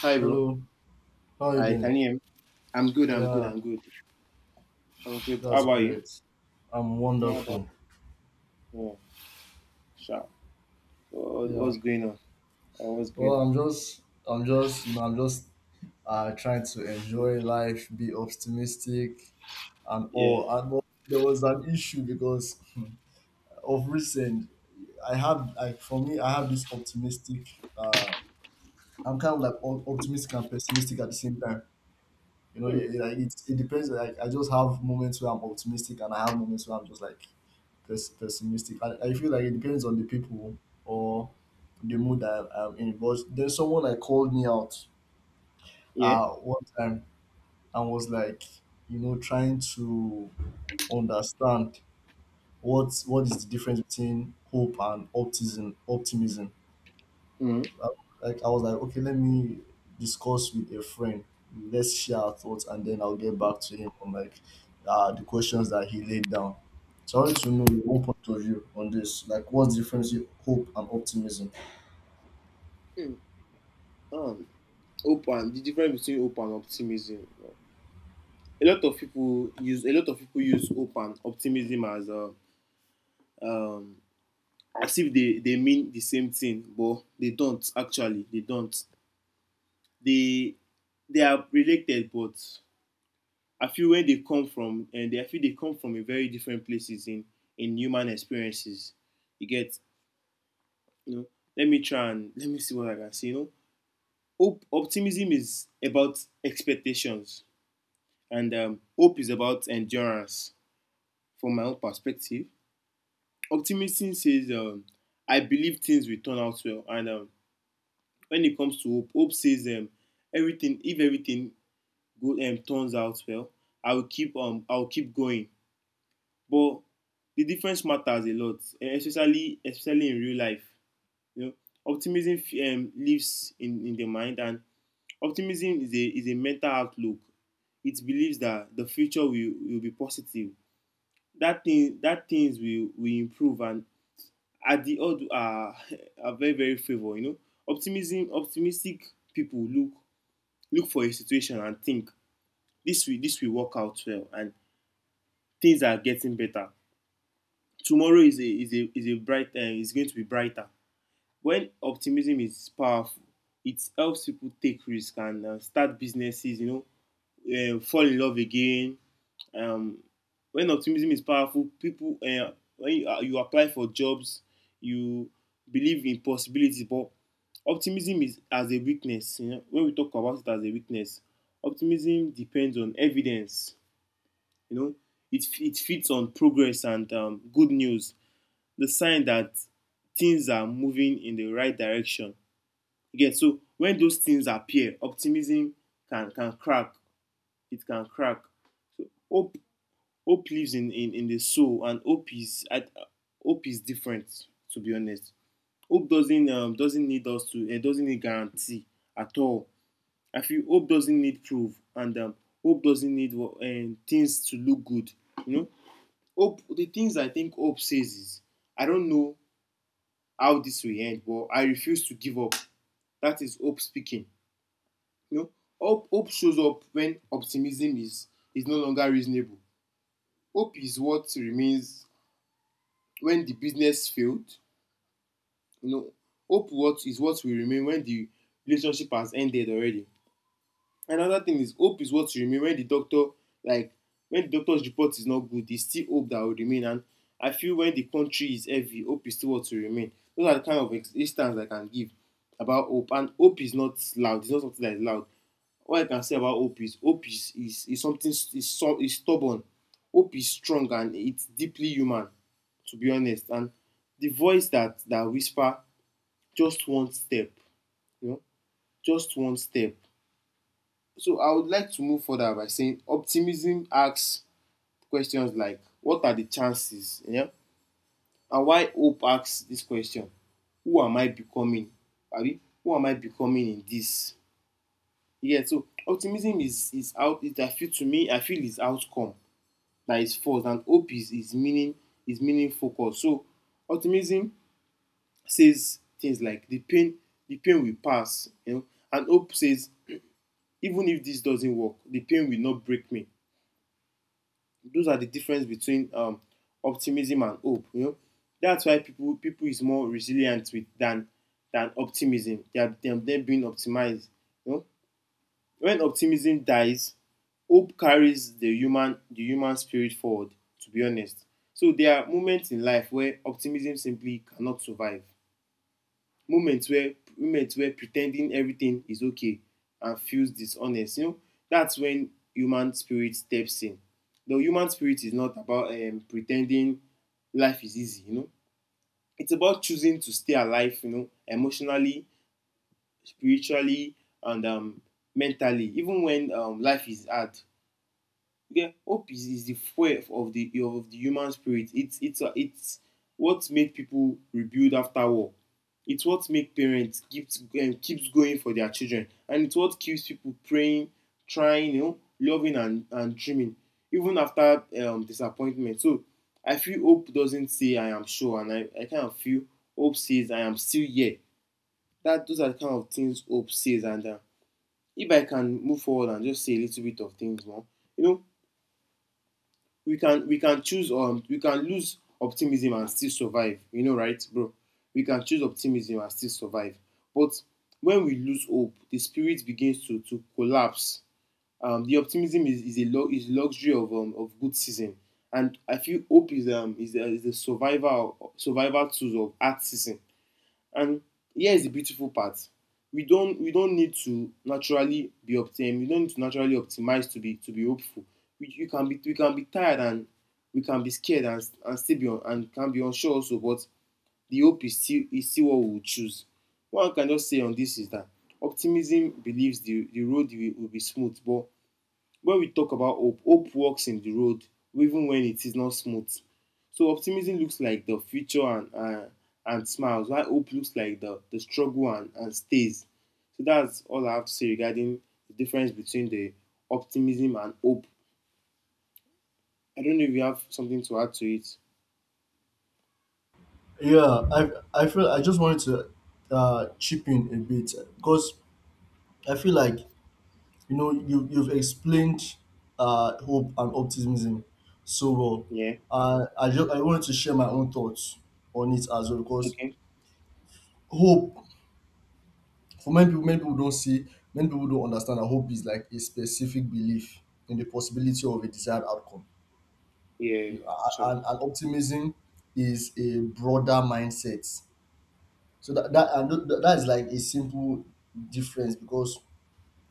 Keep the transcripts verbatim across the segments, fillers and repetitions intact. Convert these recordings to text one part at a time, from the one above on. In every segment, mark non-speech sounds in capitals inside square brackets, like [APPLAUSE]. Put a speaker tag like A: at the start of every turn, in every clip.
A: Hi, bro.
B: Hello, how are you
A: Hi,
B: doing?
A: can you hear me? I'm good. I'm good.
B: Yeah,
A: I'm good. I'm good. How
B: that's
A: about you?
B: great. I'm
A: Yeah, about
B: wonderful.
A: yeah. Sure. What,
B: Yeah.
A: what's going on? Oh, what's going
B: Well,
A: on?
B: I'm just, I'm just, you know, I'm just uh, trying to enjoy life, be optimistic, and
A: Yeah.
B: all. And well, there was an issue because [LAUGHS] hmm, of recent, I had like for me, I have this optimistic. Uh, I'm kind of like op- optimistic and pessimistic at the same time. You know,
A: Hmm.
B: yeah, yeah, like it, it depends. Like I just have moments where I'm optimistic, and I have moments where I'm just like pes- pessimistic. I, I feel like it depends on the people or the mood that I'm in. But there's someone like called me out
A: Yeah.
B: uh, one time and was like, you know, trying to understand what what is the difference between hope and optimism. Optimism.
A: Hmm.
B: I, like I was like, okay, let me discuss with a friend. Let's share our thoughts, and then I'll get back to him on like uh, the questions that he laid down. So I wanted to know your own point of view on this. Like, what's the difference in hope and optimism?
A: Hmm. Um. Hope and the difference between hope and optimism. A lot of people use a lot of people use hope and optimism as a um as if they they mean the same thing, but they don't actually. They don't. They they are related, but I feel where they come from, and I feel they come from a very different places in in human experiences. You get, you know, let me try and let me see what I can say. You know, hope, optimism is about expectations, and um, hope is about endurance. From my own perspective, optimism says, um, "I believe things will turn out well," and um, when it comes to hope, hope says, um, "Everything, if everything go, um, turns out well, I will keep um, I will keep going." But the difference matters a lot, eh, especially especially in real life. You know, optimism um, lives in, in the mind, and optimism is a is a mental outlook. It believes that the future will, will be positive. That thing that things will, will improve, and at the odd are [LAUGHS] are very very favor. You know, optimism optimistic people look look for a situation and think this will this will work out well, and things are getting better. Tomorrow is a is a is a bright uh, is going to be brighter. When optimism is powerful, it helps people take risk and uh, start businesses, you know, uh, fall in love again. um, when optimism is powerful, people uh, when you, uh, you apply for jobs, you believe in possibilities. But optimism is as a weakness, you know, when we talk about it as a weakness, optimism depends on evidence, you know, it it feeds on progress and um, good news, the sign that things are moving in the right direction. Again, so when those things appear, optimism can, can crack. It can crack. Hope Hope lives in, in, in the soul, and hope is at, hope is different. To be honest, hope doesn't um, doesn't need us to. It doesn't need guarantee at all. I feel hope doesn't need proof, and um, hope doesn't need uh, things to look good. You know, hope. The things I think hope says is, I don't know how this will end, but I refuse to give up. That is hope speaking. You know, hope, hope shows up when optimism is, is no longer reasonable. Hope is what remains when the business failed. You know, hope what is what will remain when the relationship has ended already. Another thing is hope is what will remain when the doctor, like, when the doctor's report is not good, there's still hope that will remain. And I feel when the country is heavy, hope is still what will remain. Those are the kind of ex- instance I can give about hope. And hope is not loud, it's not something that is loud. All I can say about hope is hope is is, is something is, so, is stubborn. Hope is strong and it's deeply human, to be honest. And the voice that that whisper, just one step, you know, just one step. So I would like to move further by saying optimism asks questions like, what are the chances? Yeah? And why hope asks this question, who am I becoming? Abi who am I becoming in this? Yeah. So optimism is is out it I feel, to me I feel, is outcome that is forced, and hope is is meaning, is meaning focus. So optimism says things like the pain the pain will pass, you know, and hope says, even if this doesn't work, the pain will not break me. Those are the difference between um, optimism and hope. You know, that's why people people is more resilient with than than optimism. They are them are being optimized. You know, when optimism dies, hope carries the human the human spirit forward. To be honest, so there are moments in life where optimism simply cannot survive. Moments where moments where pretending everything is okay and feels dishonest, you know, that's when human spirit steps in. The human spirit is not about um, pretending life is easy, you know, it's about choosing to stay alive, you know, emotionally, spiritually, and um, mentally, even when um, life is hard. You Hope is, is the fuel of the of the human spirit. It's it's a, it's what made people rebuild after war. It's what make parents keeps um, keeps going for their children, and it's what keeps people praying, trying, you know, loving, and and dreaming, even after um, disappointment. So I feel hope doesn't say I am sure, and i I kind of feel hope says I am still here. That Those are the kind of things hope says. And uh, if I can move forward and just say a little bit of things more, you know, we can we can choose, um we can lose optimism and still survive. You know, right, bro? We can choose optimism and still survive. But when we lose hope, the spirit begins to to collapse. Um, the optimism is, is a lo- is luxury of um, of good season, and I feel hope is um is, uh, is the survival survival tools of art season. And here is the beautiful part. We don't we don't need to naturally be optim. We don't need to naturally optimize to be to be hopeful. We you can be we can be tired, and we can be scared, and and still be un, and can be unsure also. But the hope is still is still what we will choose. What I can just say on this is that optimism believes the the road will, will be smooth. But when we talk about hope, hope walks in the road even when it is not smooth. So optimism looks like the future and uh, and smiles, while hope looks like the, the struggle and, and stays. So that's all I have to say regarding the difference between the optimism and hope. I don't know if you have something to add to it.
B: Yeah, I I feel I just wanted to uh, chip in a bit because I feel like you know you you've explained uh, hope and optimism so well.
A: Yeah.
B: Uh, I just I wanted to share my own thoughts on it as well because
A: Okay.
B: hope for many people many people don't see many people don't understand that hope is like a specific belief in the possibility of a desired outcome.
A: Yeah,
B: You a-
A: actually.
B: and, and optimism is a broader mindset, so that that, and tho- that is like a simple difference because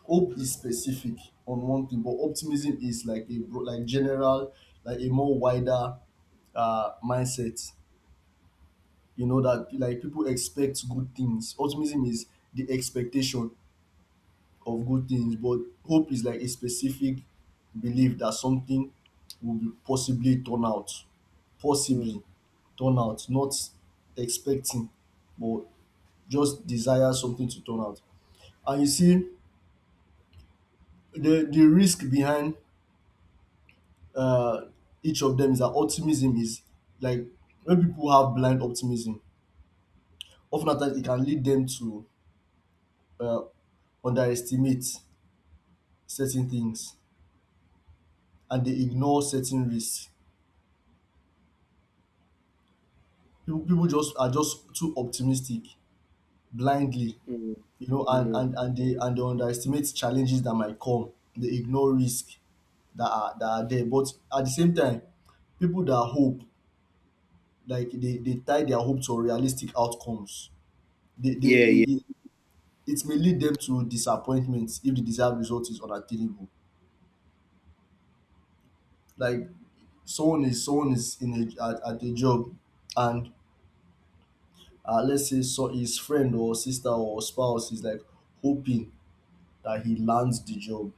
B: hope is specific on one thing, but optimism is like a bro- like general, like a more wider uh, mindset. You know that like people expect good things. Optimism is the expectation of good things, but hope is like a specific belief that something will be possibly turn out,
A: Mm,
B: possibly turn out, not expecting, but just desire something to turn out. And you see, the the risk behind uh, each of them is that optimism is like when people have blind optimism, often at times it can lead them to uh, underestimate certain things, and they ignore certain risks. People people just are just too optimistic blindly,
A: mm,
B: you know, and
A: mm.
B: and and they and they underestimate challenges that might come. They ignore risk that are that are there. But at the same time, people that hope, like they, they tie their hope to realistic outcomes. they, they
A: Yeah, yeah.
B: it, it it may lead them to disappointments if the desired result is unattainable. Like someone is someone is in a at, at a job, and uh, let's say so his friend or sister or spouse is like hoping that he lands the job.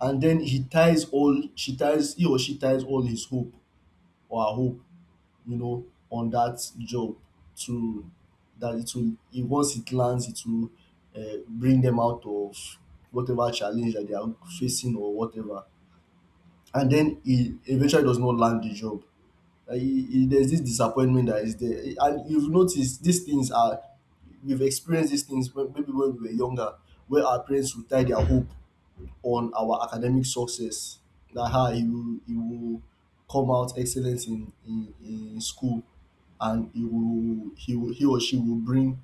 B: And then he ties all she ties he or she ties all his hope or her hope, you know, on that job to that it will it, once it lands it will uh, bring them out of whatever challenge that they are facing or whatever. And then he eventually does not land the job. Uh, he- he- there's this disappointment that is there, and you've noticed these things are we've experienced these things when- maybe when we were younger, where our parents would tie their hope on our academic success. That how he will he will come out excellent in in in school, and he will he will he or she will bring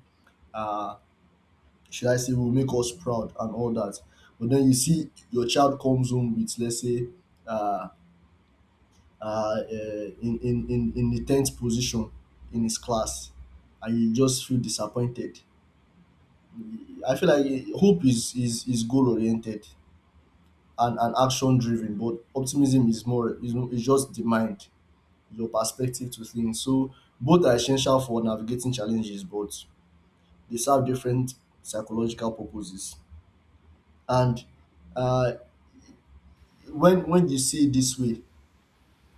B: uh should I say — will make us proud and all that. But then you see your child comes home with, let's say, uh uh eh in in in in the tenth position in his class, and you just feel disappointed. I feel like eh, hope is is is goal oriented and and action driven, but optimism is more is, is just the mind, your perspective to things. So both are essential for navigating challenges, but they serve different psychological purposes. And uh, when when you see it this way,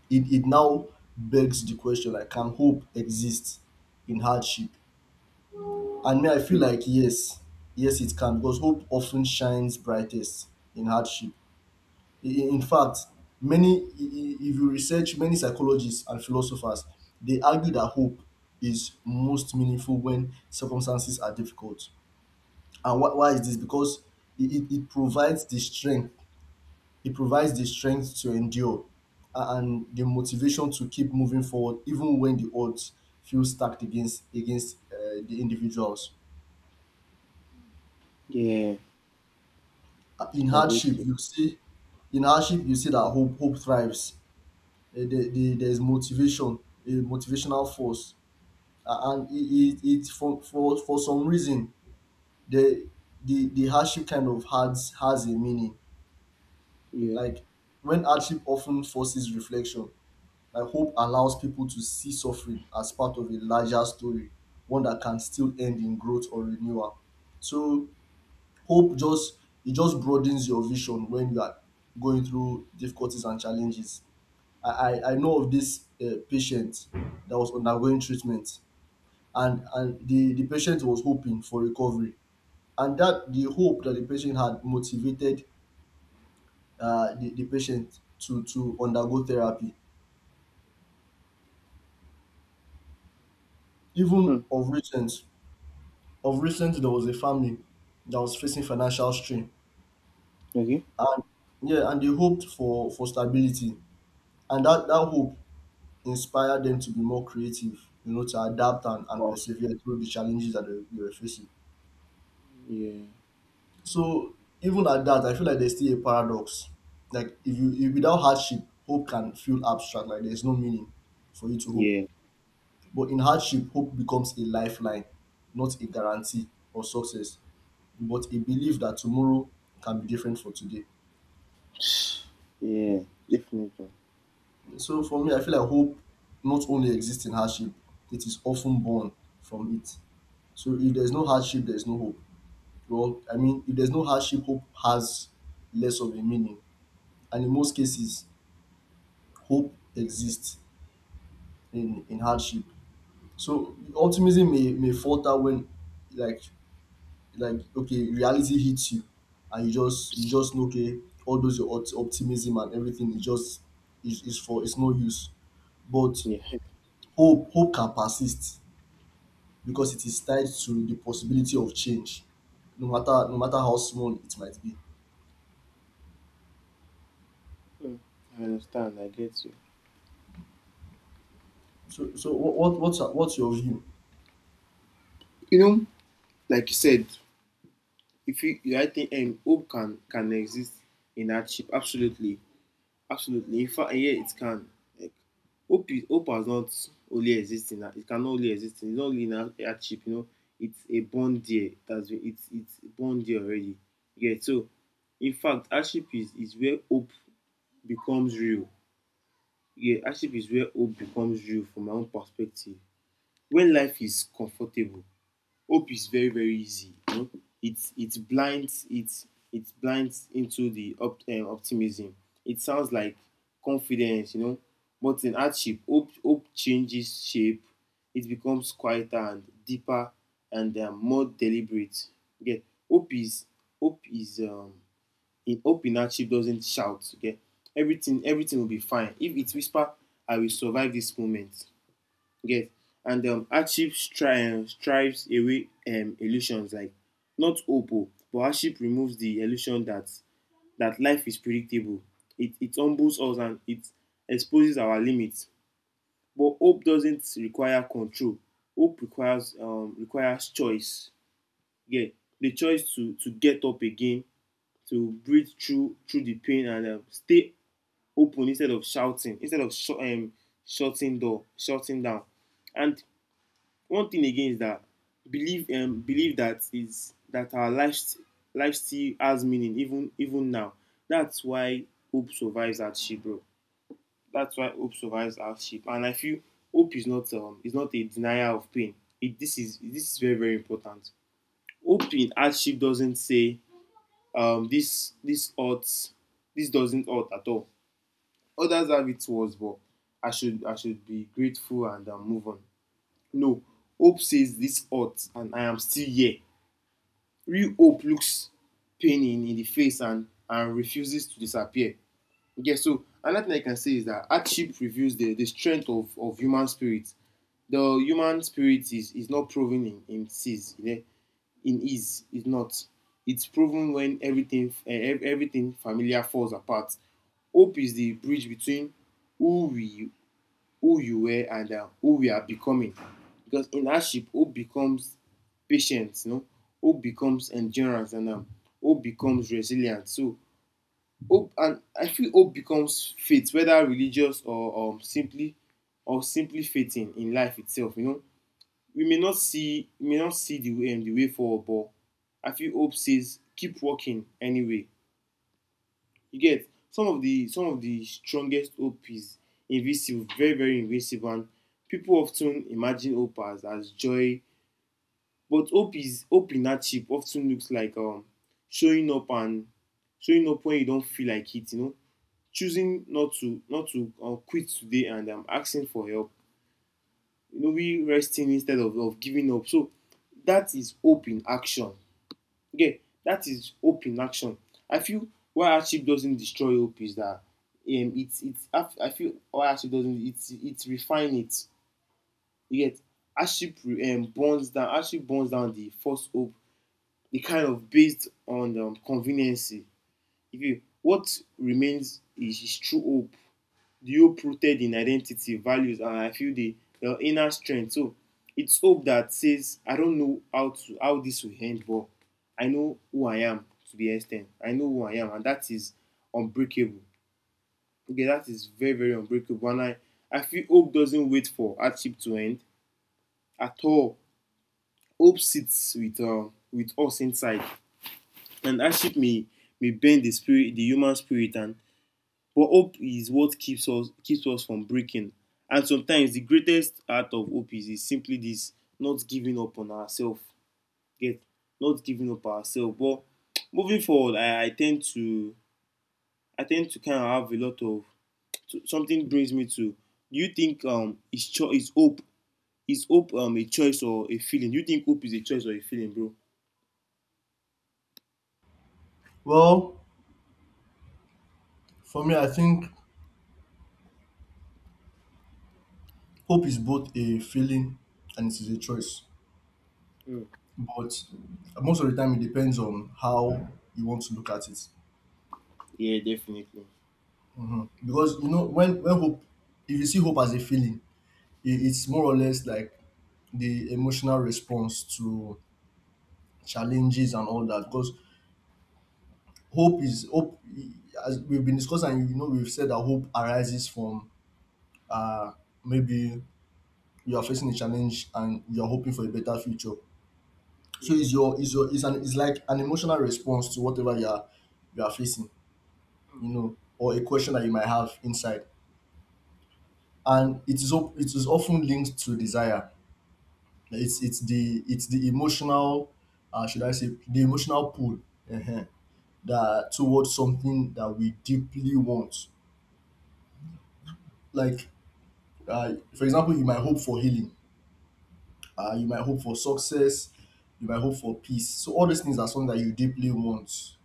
B: it, it now begs the question, like, can hope exist in hardship? And me, I feel
A: Mm.
B: like yes, yes it can, because hope often shines brightest in hardship. In fact, many — if you research many psychologists and philosophers, they argue that hope is most meaningful when circumstances are difficult. And why, why is this? Because it, it, it provides the strength, it provides the strength to endure, a- and the motivation to keep moving forward even when the odds feel stacked against against uh, the individuals.
A: Yeah,
B: Uh, in
A: I get
B: hardship
A: you.
B: you see, in hardship you see that hope hope thrives. eh, there, there, there's motivation, a motivational force. A- and it, it, it for, for for some reason the the the hardship kind of has has a meaning.
A: Yeah.
B: Like when hardship often forces reflection, like hope allows people to see suffering as part of a larger story, one that can still end in growth or renewal. So hope just, it just broadens your vision when you are going through difficulties and challenges. I, I, I know of this uh, patient that was undergoing treatment, and and the, the patient was hoping for recovery, and that the hope that the patient had motivated uh, the, the patient to to undergo therapy.
A: Hmm.
B: Even of recent, of recent there was a family that was facing financial strain,
A: Okay.
B: and yeah, and they hoped for for stability, and that that hope inspired them to be more creative, you know, to adapt and, and
A: Wow.
B: persevere through the challenges that they, they were facing.
A: Yeah.
B: So even at that, I feel like there's still a paradox. Like if you — if without hardship, hope can feel abstract. Like there's no meaning for you to hope.
A: Yeah.
B: But in hardship, hope becomes a lifeline, not a guarantee of success, but a belief that tomorrow can be different for today.
A: Yeah, definitely.
B: So for me, I feel like hope not only exists in hardship, it is often born from it. So if there's no hardship, there's no hope. Well, I mean, if there's no hardship, hope has less of a meaning. And in most cases, hope exists in in hardship. So optimism may may falter when, like like okay, reality hits you, and you just you just know, okay, all those your opt- optimism and everything is just is, is for — it's no use. But
A: Yeah.
B: hope hope can persist because it is tied to the possibility of change, no matter no matter how small it might be.
A: Mm, I understand. I get you.
B: So so what, what what's what's your view?
A: You know, like you said, if you, you I think um, hope can can exist in hardship. Absolutely, absolutely. In fact, yeah, it can. Like hope, is, hope has not only exist in it can only exist in it's not only in hard- hardship. You know, it's a born there. That's it's it's born there already. Yeah. So, in fact, hardship is is where hope becomes real. Yeah, hardship is where hope becomes real from my own perspective. When life is comfortable, hope is very very easy, you know. It it blinds it, it blinds into the op, um, optimism. It sounds like confidence, you know. But in hardship, hope hope changes shape. It becomes quieter and deeper, and um, more deliberate, you get. hope is Hope is um, in hope in hardship doesn't shout, you get. Everything, everything will be fine if it whisper. I will survive this moment. Yes. And um, hardship stri- um, strives away um, illusions. Like, not hope, o but hardship removes the illusion that that life is predictable. It it humbles us, and it exposes our limits. But hope doesn't require control. Hope requires um, requires choice. Yeah, the choice to to get up again, to breathe through through the pain, and um, stay open, instead of shouting, instead of sh- um, shutting door, shutting down. And one thing again is that believe, um, believe that is that our life, life still has meaning, even even now. That's why hope survives hardship, bro. That's why hope survives hardship. And I feel hope is not um is not a denier of pain. It This is this is very very important. Hope in hardship doesn't say um this, this hurts, this doesn't hurt at all. Others have it worse, but I should I should be grateful, and um, move on. No, hope says this hurt and I am still here. Real hope looks pain in, in the face, and, and refuses to disappear. Okay, so another thing I can say is that hardship reveals the, the strength of, of human spirit. The human spirit is, is not proven in, in ease, you know. In ease, it's not. It's proven when everything eh, everything familiar falls apart. Hope is the bridge between who we who you were, and uh, who we are becoming. Because in hardship, hope becomes patience, you know, hope becomes endurance, and um, hope becomes resilience. So hope, and I feel hope becomes faith, whether religious or um, simply or simply faith in, in life itself. You know, we may not see we may not see the way um, the way forward, but I feel hope says keep walking anyway. You get some of the some of the strongest hope is invisible, very very invisible, and people of ten imagine hope as as joy, but hope is hope in hardship of ten looks like um, showing up and showing up when you don feel like it, you know, choosing not to not to uh, quit today, and um, asking for help, you know, we resting instead of of giving up. So that is hope in action. Okay, that is hope in action. I feel why hardship doesn't destroy hope is that um, it's it's I, I feel why hardship doesn't it it refine it. You get hardship um, burns down hardship burns down the false hope, the kind of based on um, conveniency. If you What remains is, is true hope, the hope rooted in identity, values, and I feel the, the inner strength. So it's hope that says, I don't know how to how this will end, but I know who I am. To the extent I know who I am, and that is unbreakable. Okay, that is very, very unbreakable. And I, I feel hope doesn't wait for hardship to end at all. Hope sits with um, with us inside, and hardship may may bend the spirit, the human spirit, and but hope is what keeps us keeps us from breaking. And sometimes the greatest act of hope is, is simply this: not giving up on ourselves. Get not giving up ourselves. But moving forward, I, I tend to I tend to kind of have a lot of so- something brings me to. Do you think um is cho- is hope is hope um a choice or a feeling? Do you think hope is a choice or a feeling, bro?
B: Well, for me, I think hope is both a feeling and it is a choice.
A: Mm.
B: But most of the time, it depends on how you want to look at it.
A: Yeah, definitely.
B: Mhm. Because you know, when when hope, if you see hope as a feeling, it, it's more or less like the emotional response to challenges and all that. Because hope is hope, as we've been discussing, you know, we've said that hope arises from uh maybe you are facing a challenge and you are hoping for a better future. So
A: Yeah.
B: it's your is your is an it's like an emotional response to whatever you are you are facing.
A: Mm.
B: You know, or a question that you might have inside. And it is op- it is often linked to desire. It's
A: Mm.
B: it's the it's the emotional — uh, should I say, the emotional pull uh that towards something that we deeply want. Like, uh, for example, you might hope for healing. Uh, you might hope for success. You might hope for peace. So all these things are something that you deeply want,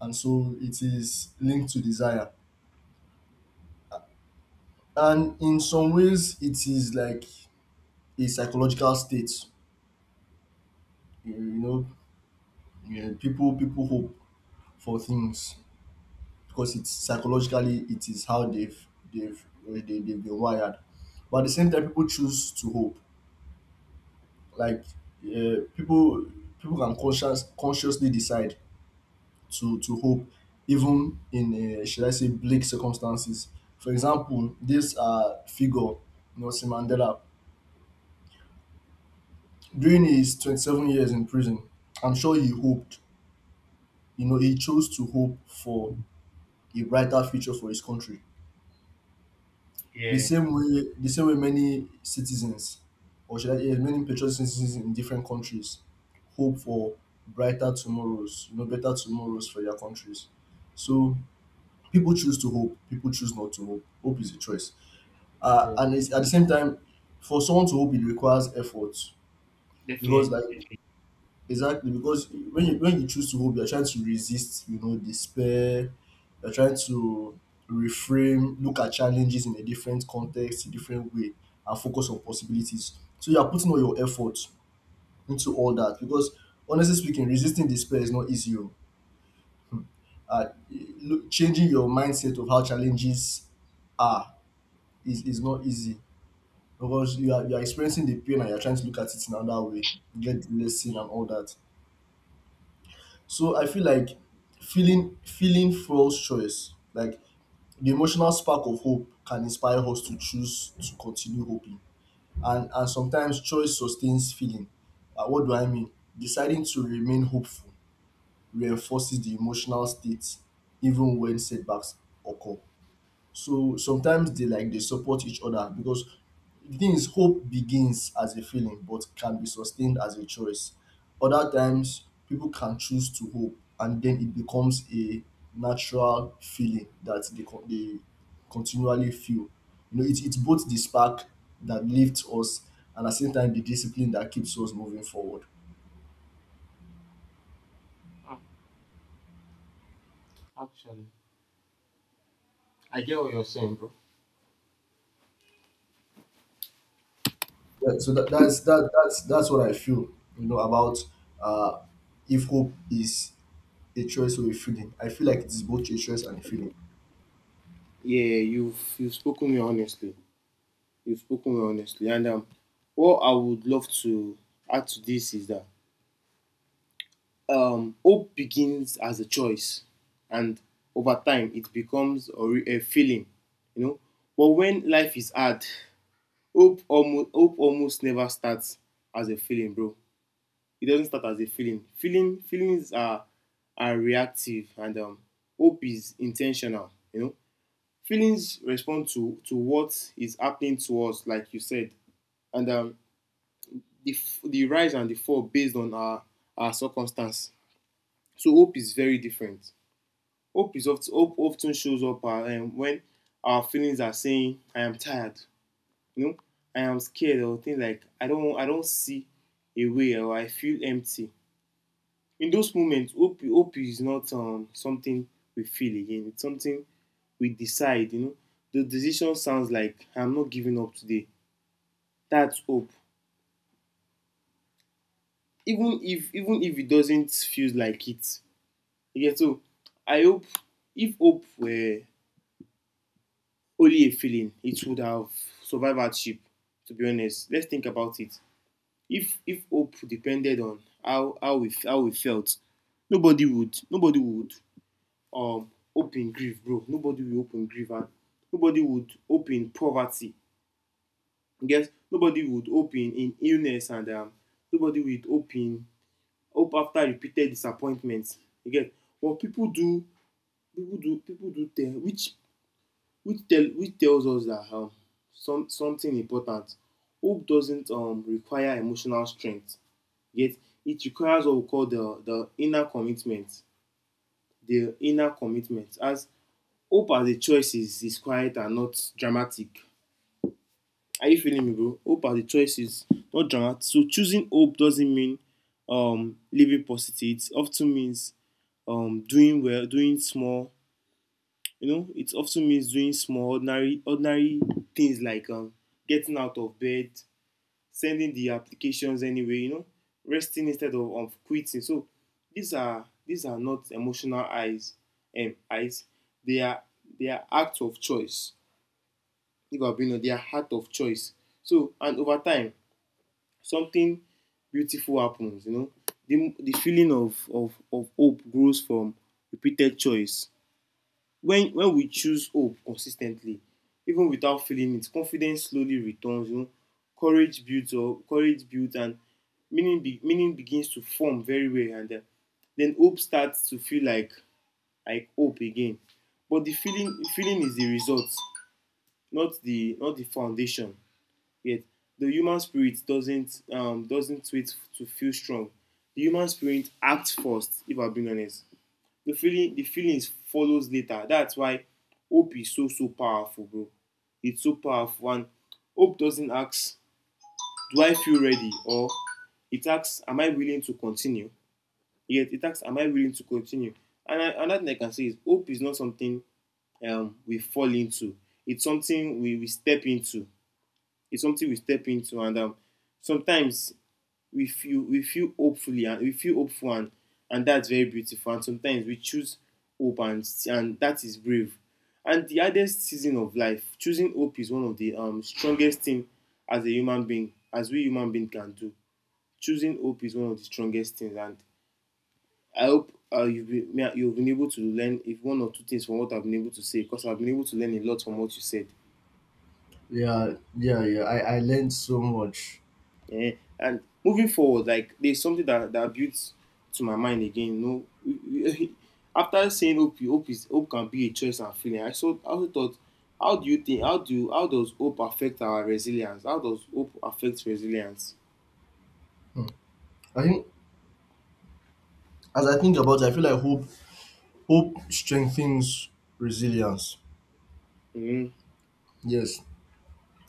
B: and so it is linked to desire. And in some ways, it is like a psychological state, you know. Yeah, people people hope for things because it's psychologically it is how they've they've uh, they, they've been wired. But at the same time, people choose to hope. Like uh, people people can conscious consciously decide to to hope even in, uh, should I say, bleak circumstances. For example, this uh figure Nelson Mandela during his twenty-seven years in prison, I'm sure he hoped. You know, he chose to hope for a brighter future for his country. The
A: Yeah.
B: same way, the same way many citizens, or should I say, many patriot citizens in different countries, hope for brighter tomorrows, you know, better tomorrows for their countries. So people choose to hope. People choose not to hope. Hope is a choice. Uh,
A: Yeah.
B: and it's, at the same time, for someone to hope, it requires effort because,
A: Definitely.
B: like, exactly, because when you when you choose to hope, you're trying to resist, you know, despair. You're trying to reframe, look at challenges in a different context, a different way, and focus on possibilities. So you are putting all your effort into all that because, honestly speaking, resisting despair is not easy. Oh. Uh, look, changing your mindset of how challenges are is, is not easy because you are you are experiencing the pain and you're trying to look at it in another way, get the lesson and all that. So I feel like feeling feeling fuels choice. Like the emotional spark of hope can inspire us to choose to continue hoping. And and sometimes choice sustains feeling. Uh, what do I mean? Deciding to remain hopeful reinforces the emotional state even when setbacks occur. So sometimes they like they support each other because the thing is hope begins as a feeling but can be sustained as a choice. Other times people can choose to hope and then it becomes a natural feeling that they con- they continually feel. You know, it it's both the spark that lifts us and at the same time the discipline that keeps us moving forward.
A: Mm. Actually, I get what you're saying, bro.
B: Yeah, so that, that's that that's that's what I feel, you know, about uh if hope is a choice or a feeling? I feel like it is both a choice and a feeling.
A: Yeah, you've you've spoken me honestly. You've spoken me honestly, and um, what I would love to add to this is that um, hope begins as a choice, and over time it becomes a, re- a feeling, you know. But when life is hard, hope almost hope almost never starts as a feeling, bro. It doesn't start as a feeling. Feeling feelings are are reactive, and um, hope is intentional, you know. Feelings respond to to what is happening to us, like you said, and um, the the rise and the fall based on our our circumstance. So hope is very different. Hope is often hope often shows up uh, um, when our feelings are saying, "I am tired," you know, "I am scared," or things like, "I don't I don't see a way," or "I feel empty." In those moments, hope hope is not um, something we feel again. It's something we decide. You know, the decision sounds like, "I'm not giving up today." That's hope even if even if it doesn't feel like it. You get. So I hope, if hope were only a feeling, it would have survived hardship. To be honest, let's think about it. if if hope depended on how how we how we felt, nobody would nobody would um hope in grief, bro, nobody will hope in grief, and nobody would hope in poverty. You nobody would hope in in illness, and um nobody would hope in hope after repeated disappointments again. What people do, people do people do tell, which which tell which tells us that um, some something important. Hope doesn't um, require emotional strength, yet it requires what we call the the inner commitment. The inner commitment as hope as a choice is is quiet and not dramatic. Are you feeling me, bro? Hope as a choice is not dramatic. So choosing hope doesn't mean um, living positive. It often means um, doing well, doing small. You know, it often means doing small, ordinary, ordinary things like um, getting out of bed, sending the applications anyway. You know, resting instead of um, quitting. So these are these are not emotional eyes, and um, eyes. They are they are acts of choice. If I've been on, they are act of choice. So and over time, something beautiful happens. You know, the the feeling of of of hope grows from repeated choice. when when we choose hope consistently even without feeling it, confidence slowly returns, you know, courage builds up, courage builds, and meaning be, meaning begins to form very well, and uh, then hope starts to feel like like hope again. But the feeling feeling is the result, not the not the foundation. Yet the human spirit doesn't um doesn't wait to feel strong. The human spirit acts first. If I'm being honest, the feeling the feelings follows later. That's why hope is so so powerful, bro. It's so powerful, and hope doesn't ask, do I feel ready? Or it asks, am I willing to continue? Yet it asks, am I willing to continue? And I, another thing I can say is hope is not something um, we fall into. It's something we, we step into. It's something we step into, and um, sometimes we feel, we feel hopefully and we feel hopeful, and and that's very beautiful. And sometimes we choose hope, and and that is brave. And the hardest season of life, choosing hope is one of the um, strongest thing as a human being, as we human being can do. Choosing hope is one of the strongest things. And I hope uh, you've been, you've been able to learn if one or two things from what I've been able to say, because I've been able to learn a lot from what you said.
B: Yeah, yeah, yeah. I, I learned so much.
A: Eh, and moving forward, like there's something that that builds to my mind again. You know, [LAUGHS] after saying hope, hope is hope can be a choice and feeling. I so I also thought, how do you think? How do how does hope affect our resilience? How does hope affect resilience?
B: I think as I think about it, I feel like hope hope strengthens resilience.
A: Mm.
B: Yes.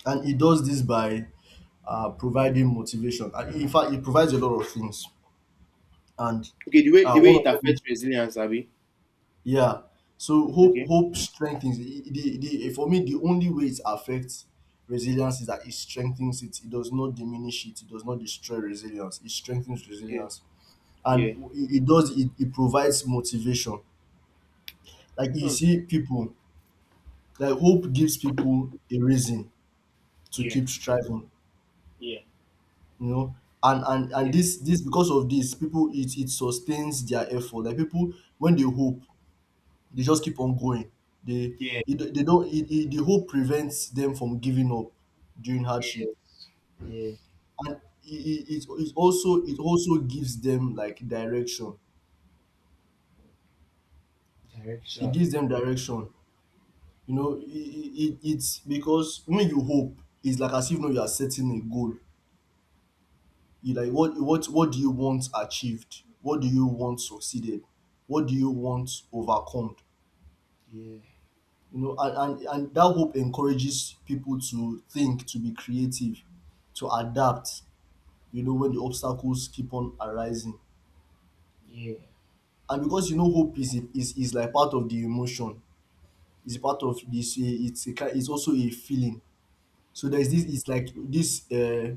B: And it does this by uh, providing motivation. And in fact, it provides a lot of things. And
A: Okay, the way
B: uh,
A: the way
B: one
A: it
B: of them is
A: affects resilience, Abby.
B: yeah. So hope
A: Okay.
B: hope strengthens it- the, the for me the only way it affects resilience is that it strengthens it. It does not diminish it. It does not destroy resilience. It strengthens
A: Yeah.
B: resilience
A: Yeah.
B: and it, it does it, it provides motivation like you
A: Hmm.
B: see people like hope gives people a reason to
A: Yeah.
B: keep striving,
A: Yeah.
B: you know, and and and
A: Yeah.
B: this this because of this people it it sustains their effort like people when they hope they just keep on going. they
A: Yeah.
B: it, they don't it, it, the hope prevents them from giving up during hardship
A: Yeah,
B: and it, it, it it also it also gives them like direction. It
A: direction.
B: gives them direction, you know, it, it, it's because when you hope it's like as if now you are setting a goal. You like what what what do you want achieved, what do you want succeeded, what do you want overcome,
A: Yeah,
B: you know. And, and and that hope encourages people to think, to be creative, to adapt, you know, when the obstacles keep on arising.
A: yeah.
B: And because you know hope is is, is like part of the emotion, it's part of this. It's a, ki- it's also a feeling. So there's
A: Mhm.
B: this, it's like this uh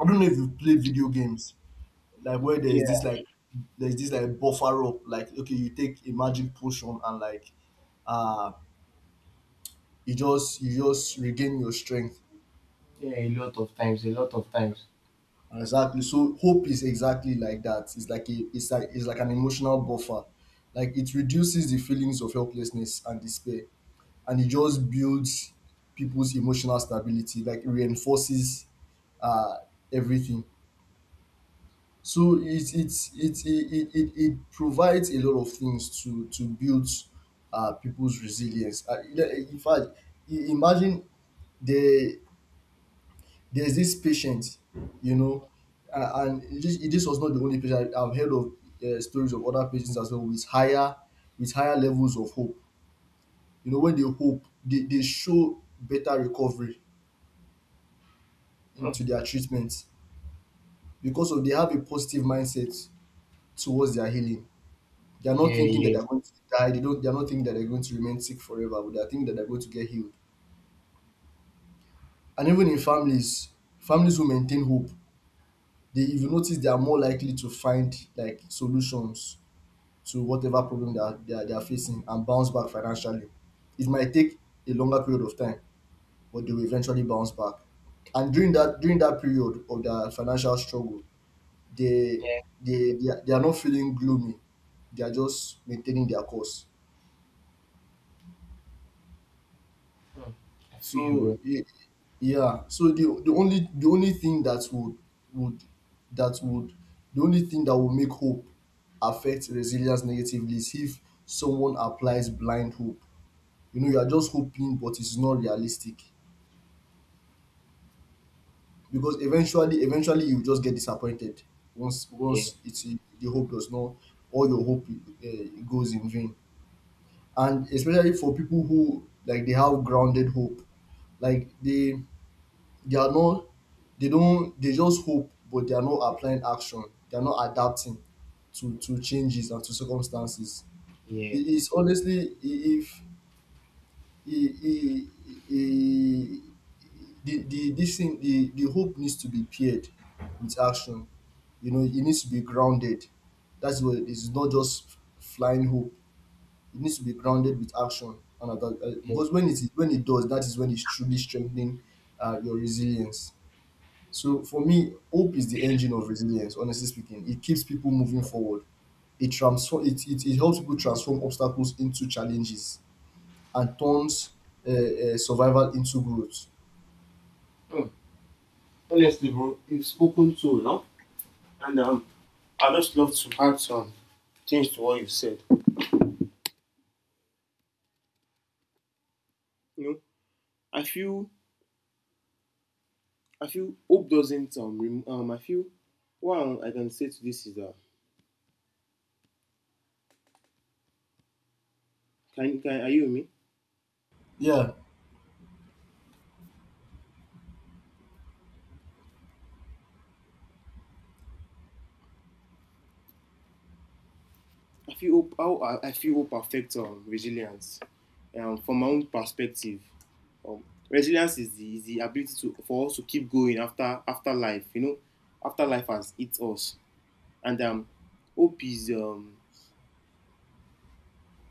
B: I don't know if you've played video games, like where there's
A: Yeah.
B: this like, there's this like buffer up. Like okay, you take a magic potion and like uh you just you just regain your strength.
A: Yeah. A lot of times, a lot of times.
B: Exactly. So hope is exactly like that. It's like a, it's like it's like an emotional buffer. Like it reduces the feelings of helplessness and despair. And it just builds people's emotional stability, like it reinforces uh everything. So it it it it it it provides a lot of things to to build uh, people's resilience. Uh, in fact, i- imagine the there's this patient, you know, uh, and this, this was not the only patient. I- I've heard of uh, stories of other patients as well with higher with higher levels of hope. You know, when they hope, they, they show better recovery
A: Mm.
B: into their treatment because of they have a positive mindset towards their healing. They are not
A: Yeah,
B: thinking that
A: yeah,
B: they're going to die. They don't. They are not thinking that they're going to remain sick forever. But they are thinking that they're going to get healed. And even in families, families who maintain hope, they, if you notice, they are more likely to find like solutions to whatever problem that they are, they are facing and bounce back financially. It might take a longer period of time, but they will eventually bounce back. And during that during that period of their financial struggle, they
A: yeah.
B: they they are, they are not feeling gloomy. They are just maintaining their course.
A: Mm. I feel you,
B: So
A: bro.
B: y- yeah, so the the only the only thing that would would that would, the only thing that will make hope affect resilience negatively is if someone applies blind hope. You know, you are just hoping, but it's not realistic because eventually, eventually, you just get disappointed. Once
A: Yeah,
B: once it's the hope does not, all your hope uh, goes in vain, and especially for people who like they have grounded hope, like they they are not, they don't, they just hope but they are not applying action. They are not adapting to to changes and to circumstances.
A: yeah,
B: It is honestly, I- if I- I- I- the the this thing, the the hope needs to be paired with action, you know. It needs to be grounded, that's what it is. It's not just flying hope. It needs to be grounded with action and adapt- uh,
A: yeah.
B: because when it is, when it does that, is when it's truly strengthening uh, your resilience. So for me, hope is the engine of resilience, honestly speaking. It keeps people moving forward. It transform it, it, it helps people transform obstacles into challenges and turns uh, uh, survival into growth.
A: Mm. Honestly, bro, you've spoken so long, and um, I just love to add some things to what you've said. You know, I feel, I feel hope doesn't um, rem- um, I feel what I can say to this is uh, can, can are you with me?
B: Yeah,
A: I feel hope how I, I feel hope affects um, resilience. Um, from my own perspective, um, resilience is the, is the ability to for us to keep going after after life. You know, after life has hit us. And um hope is um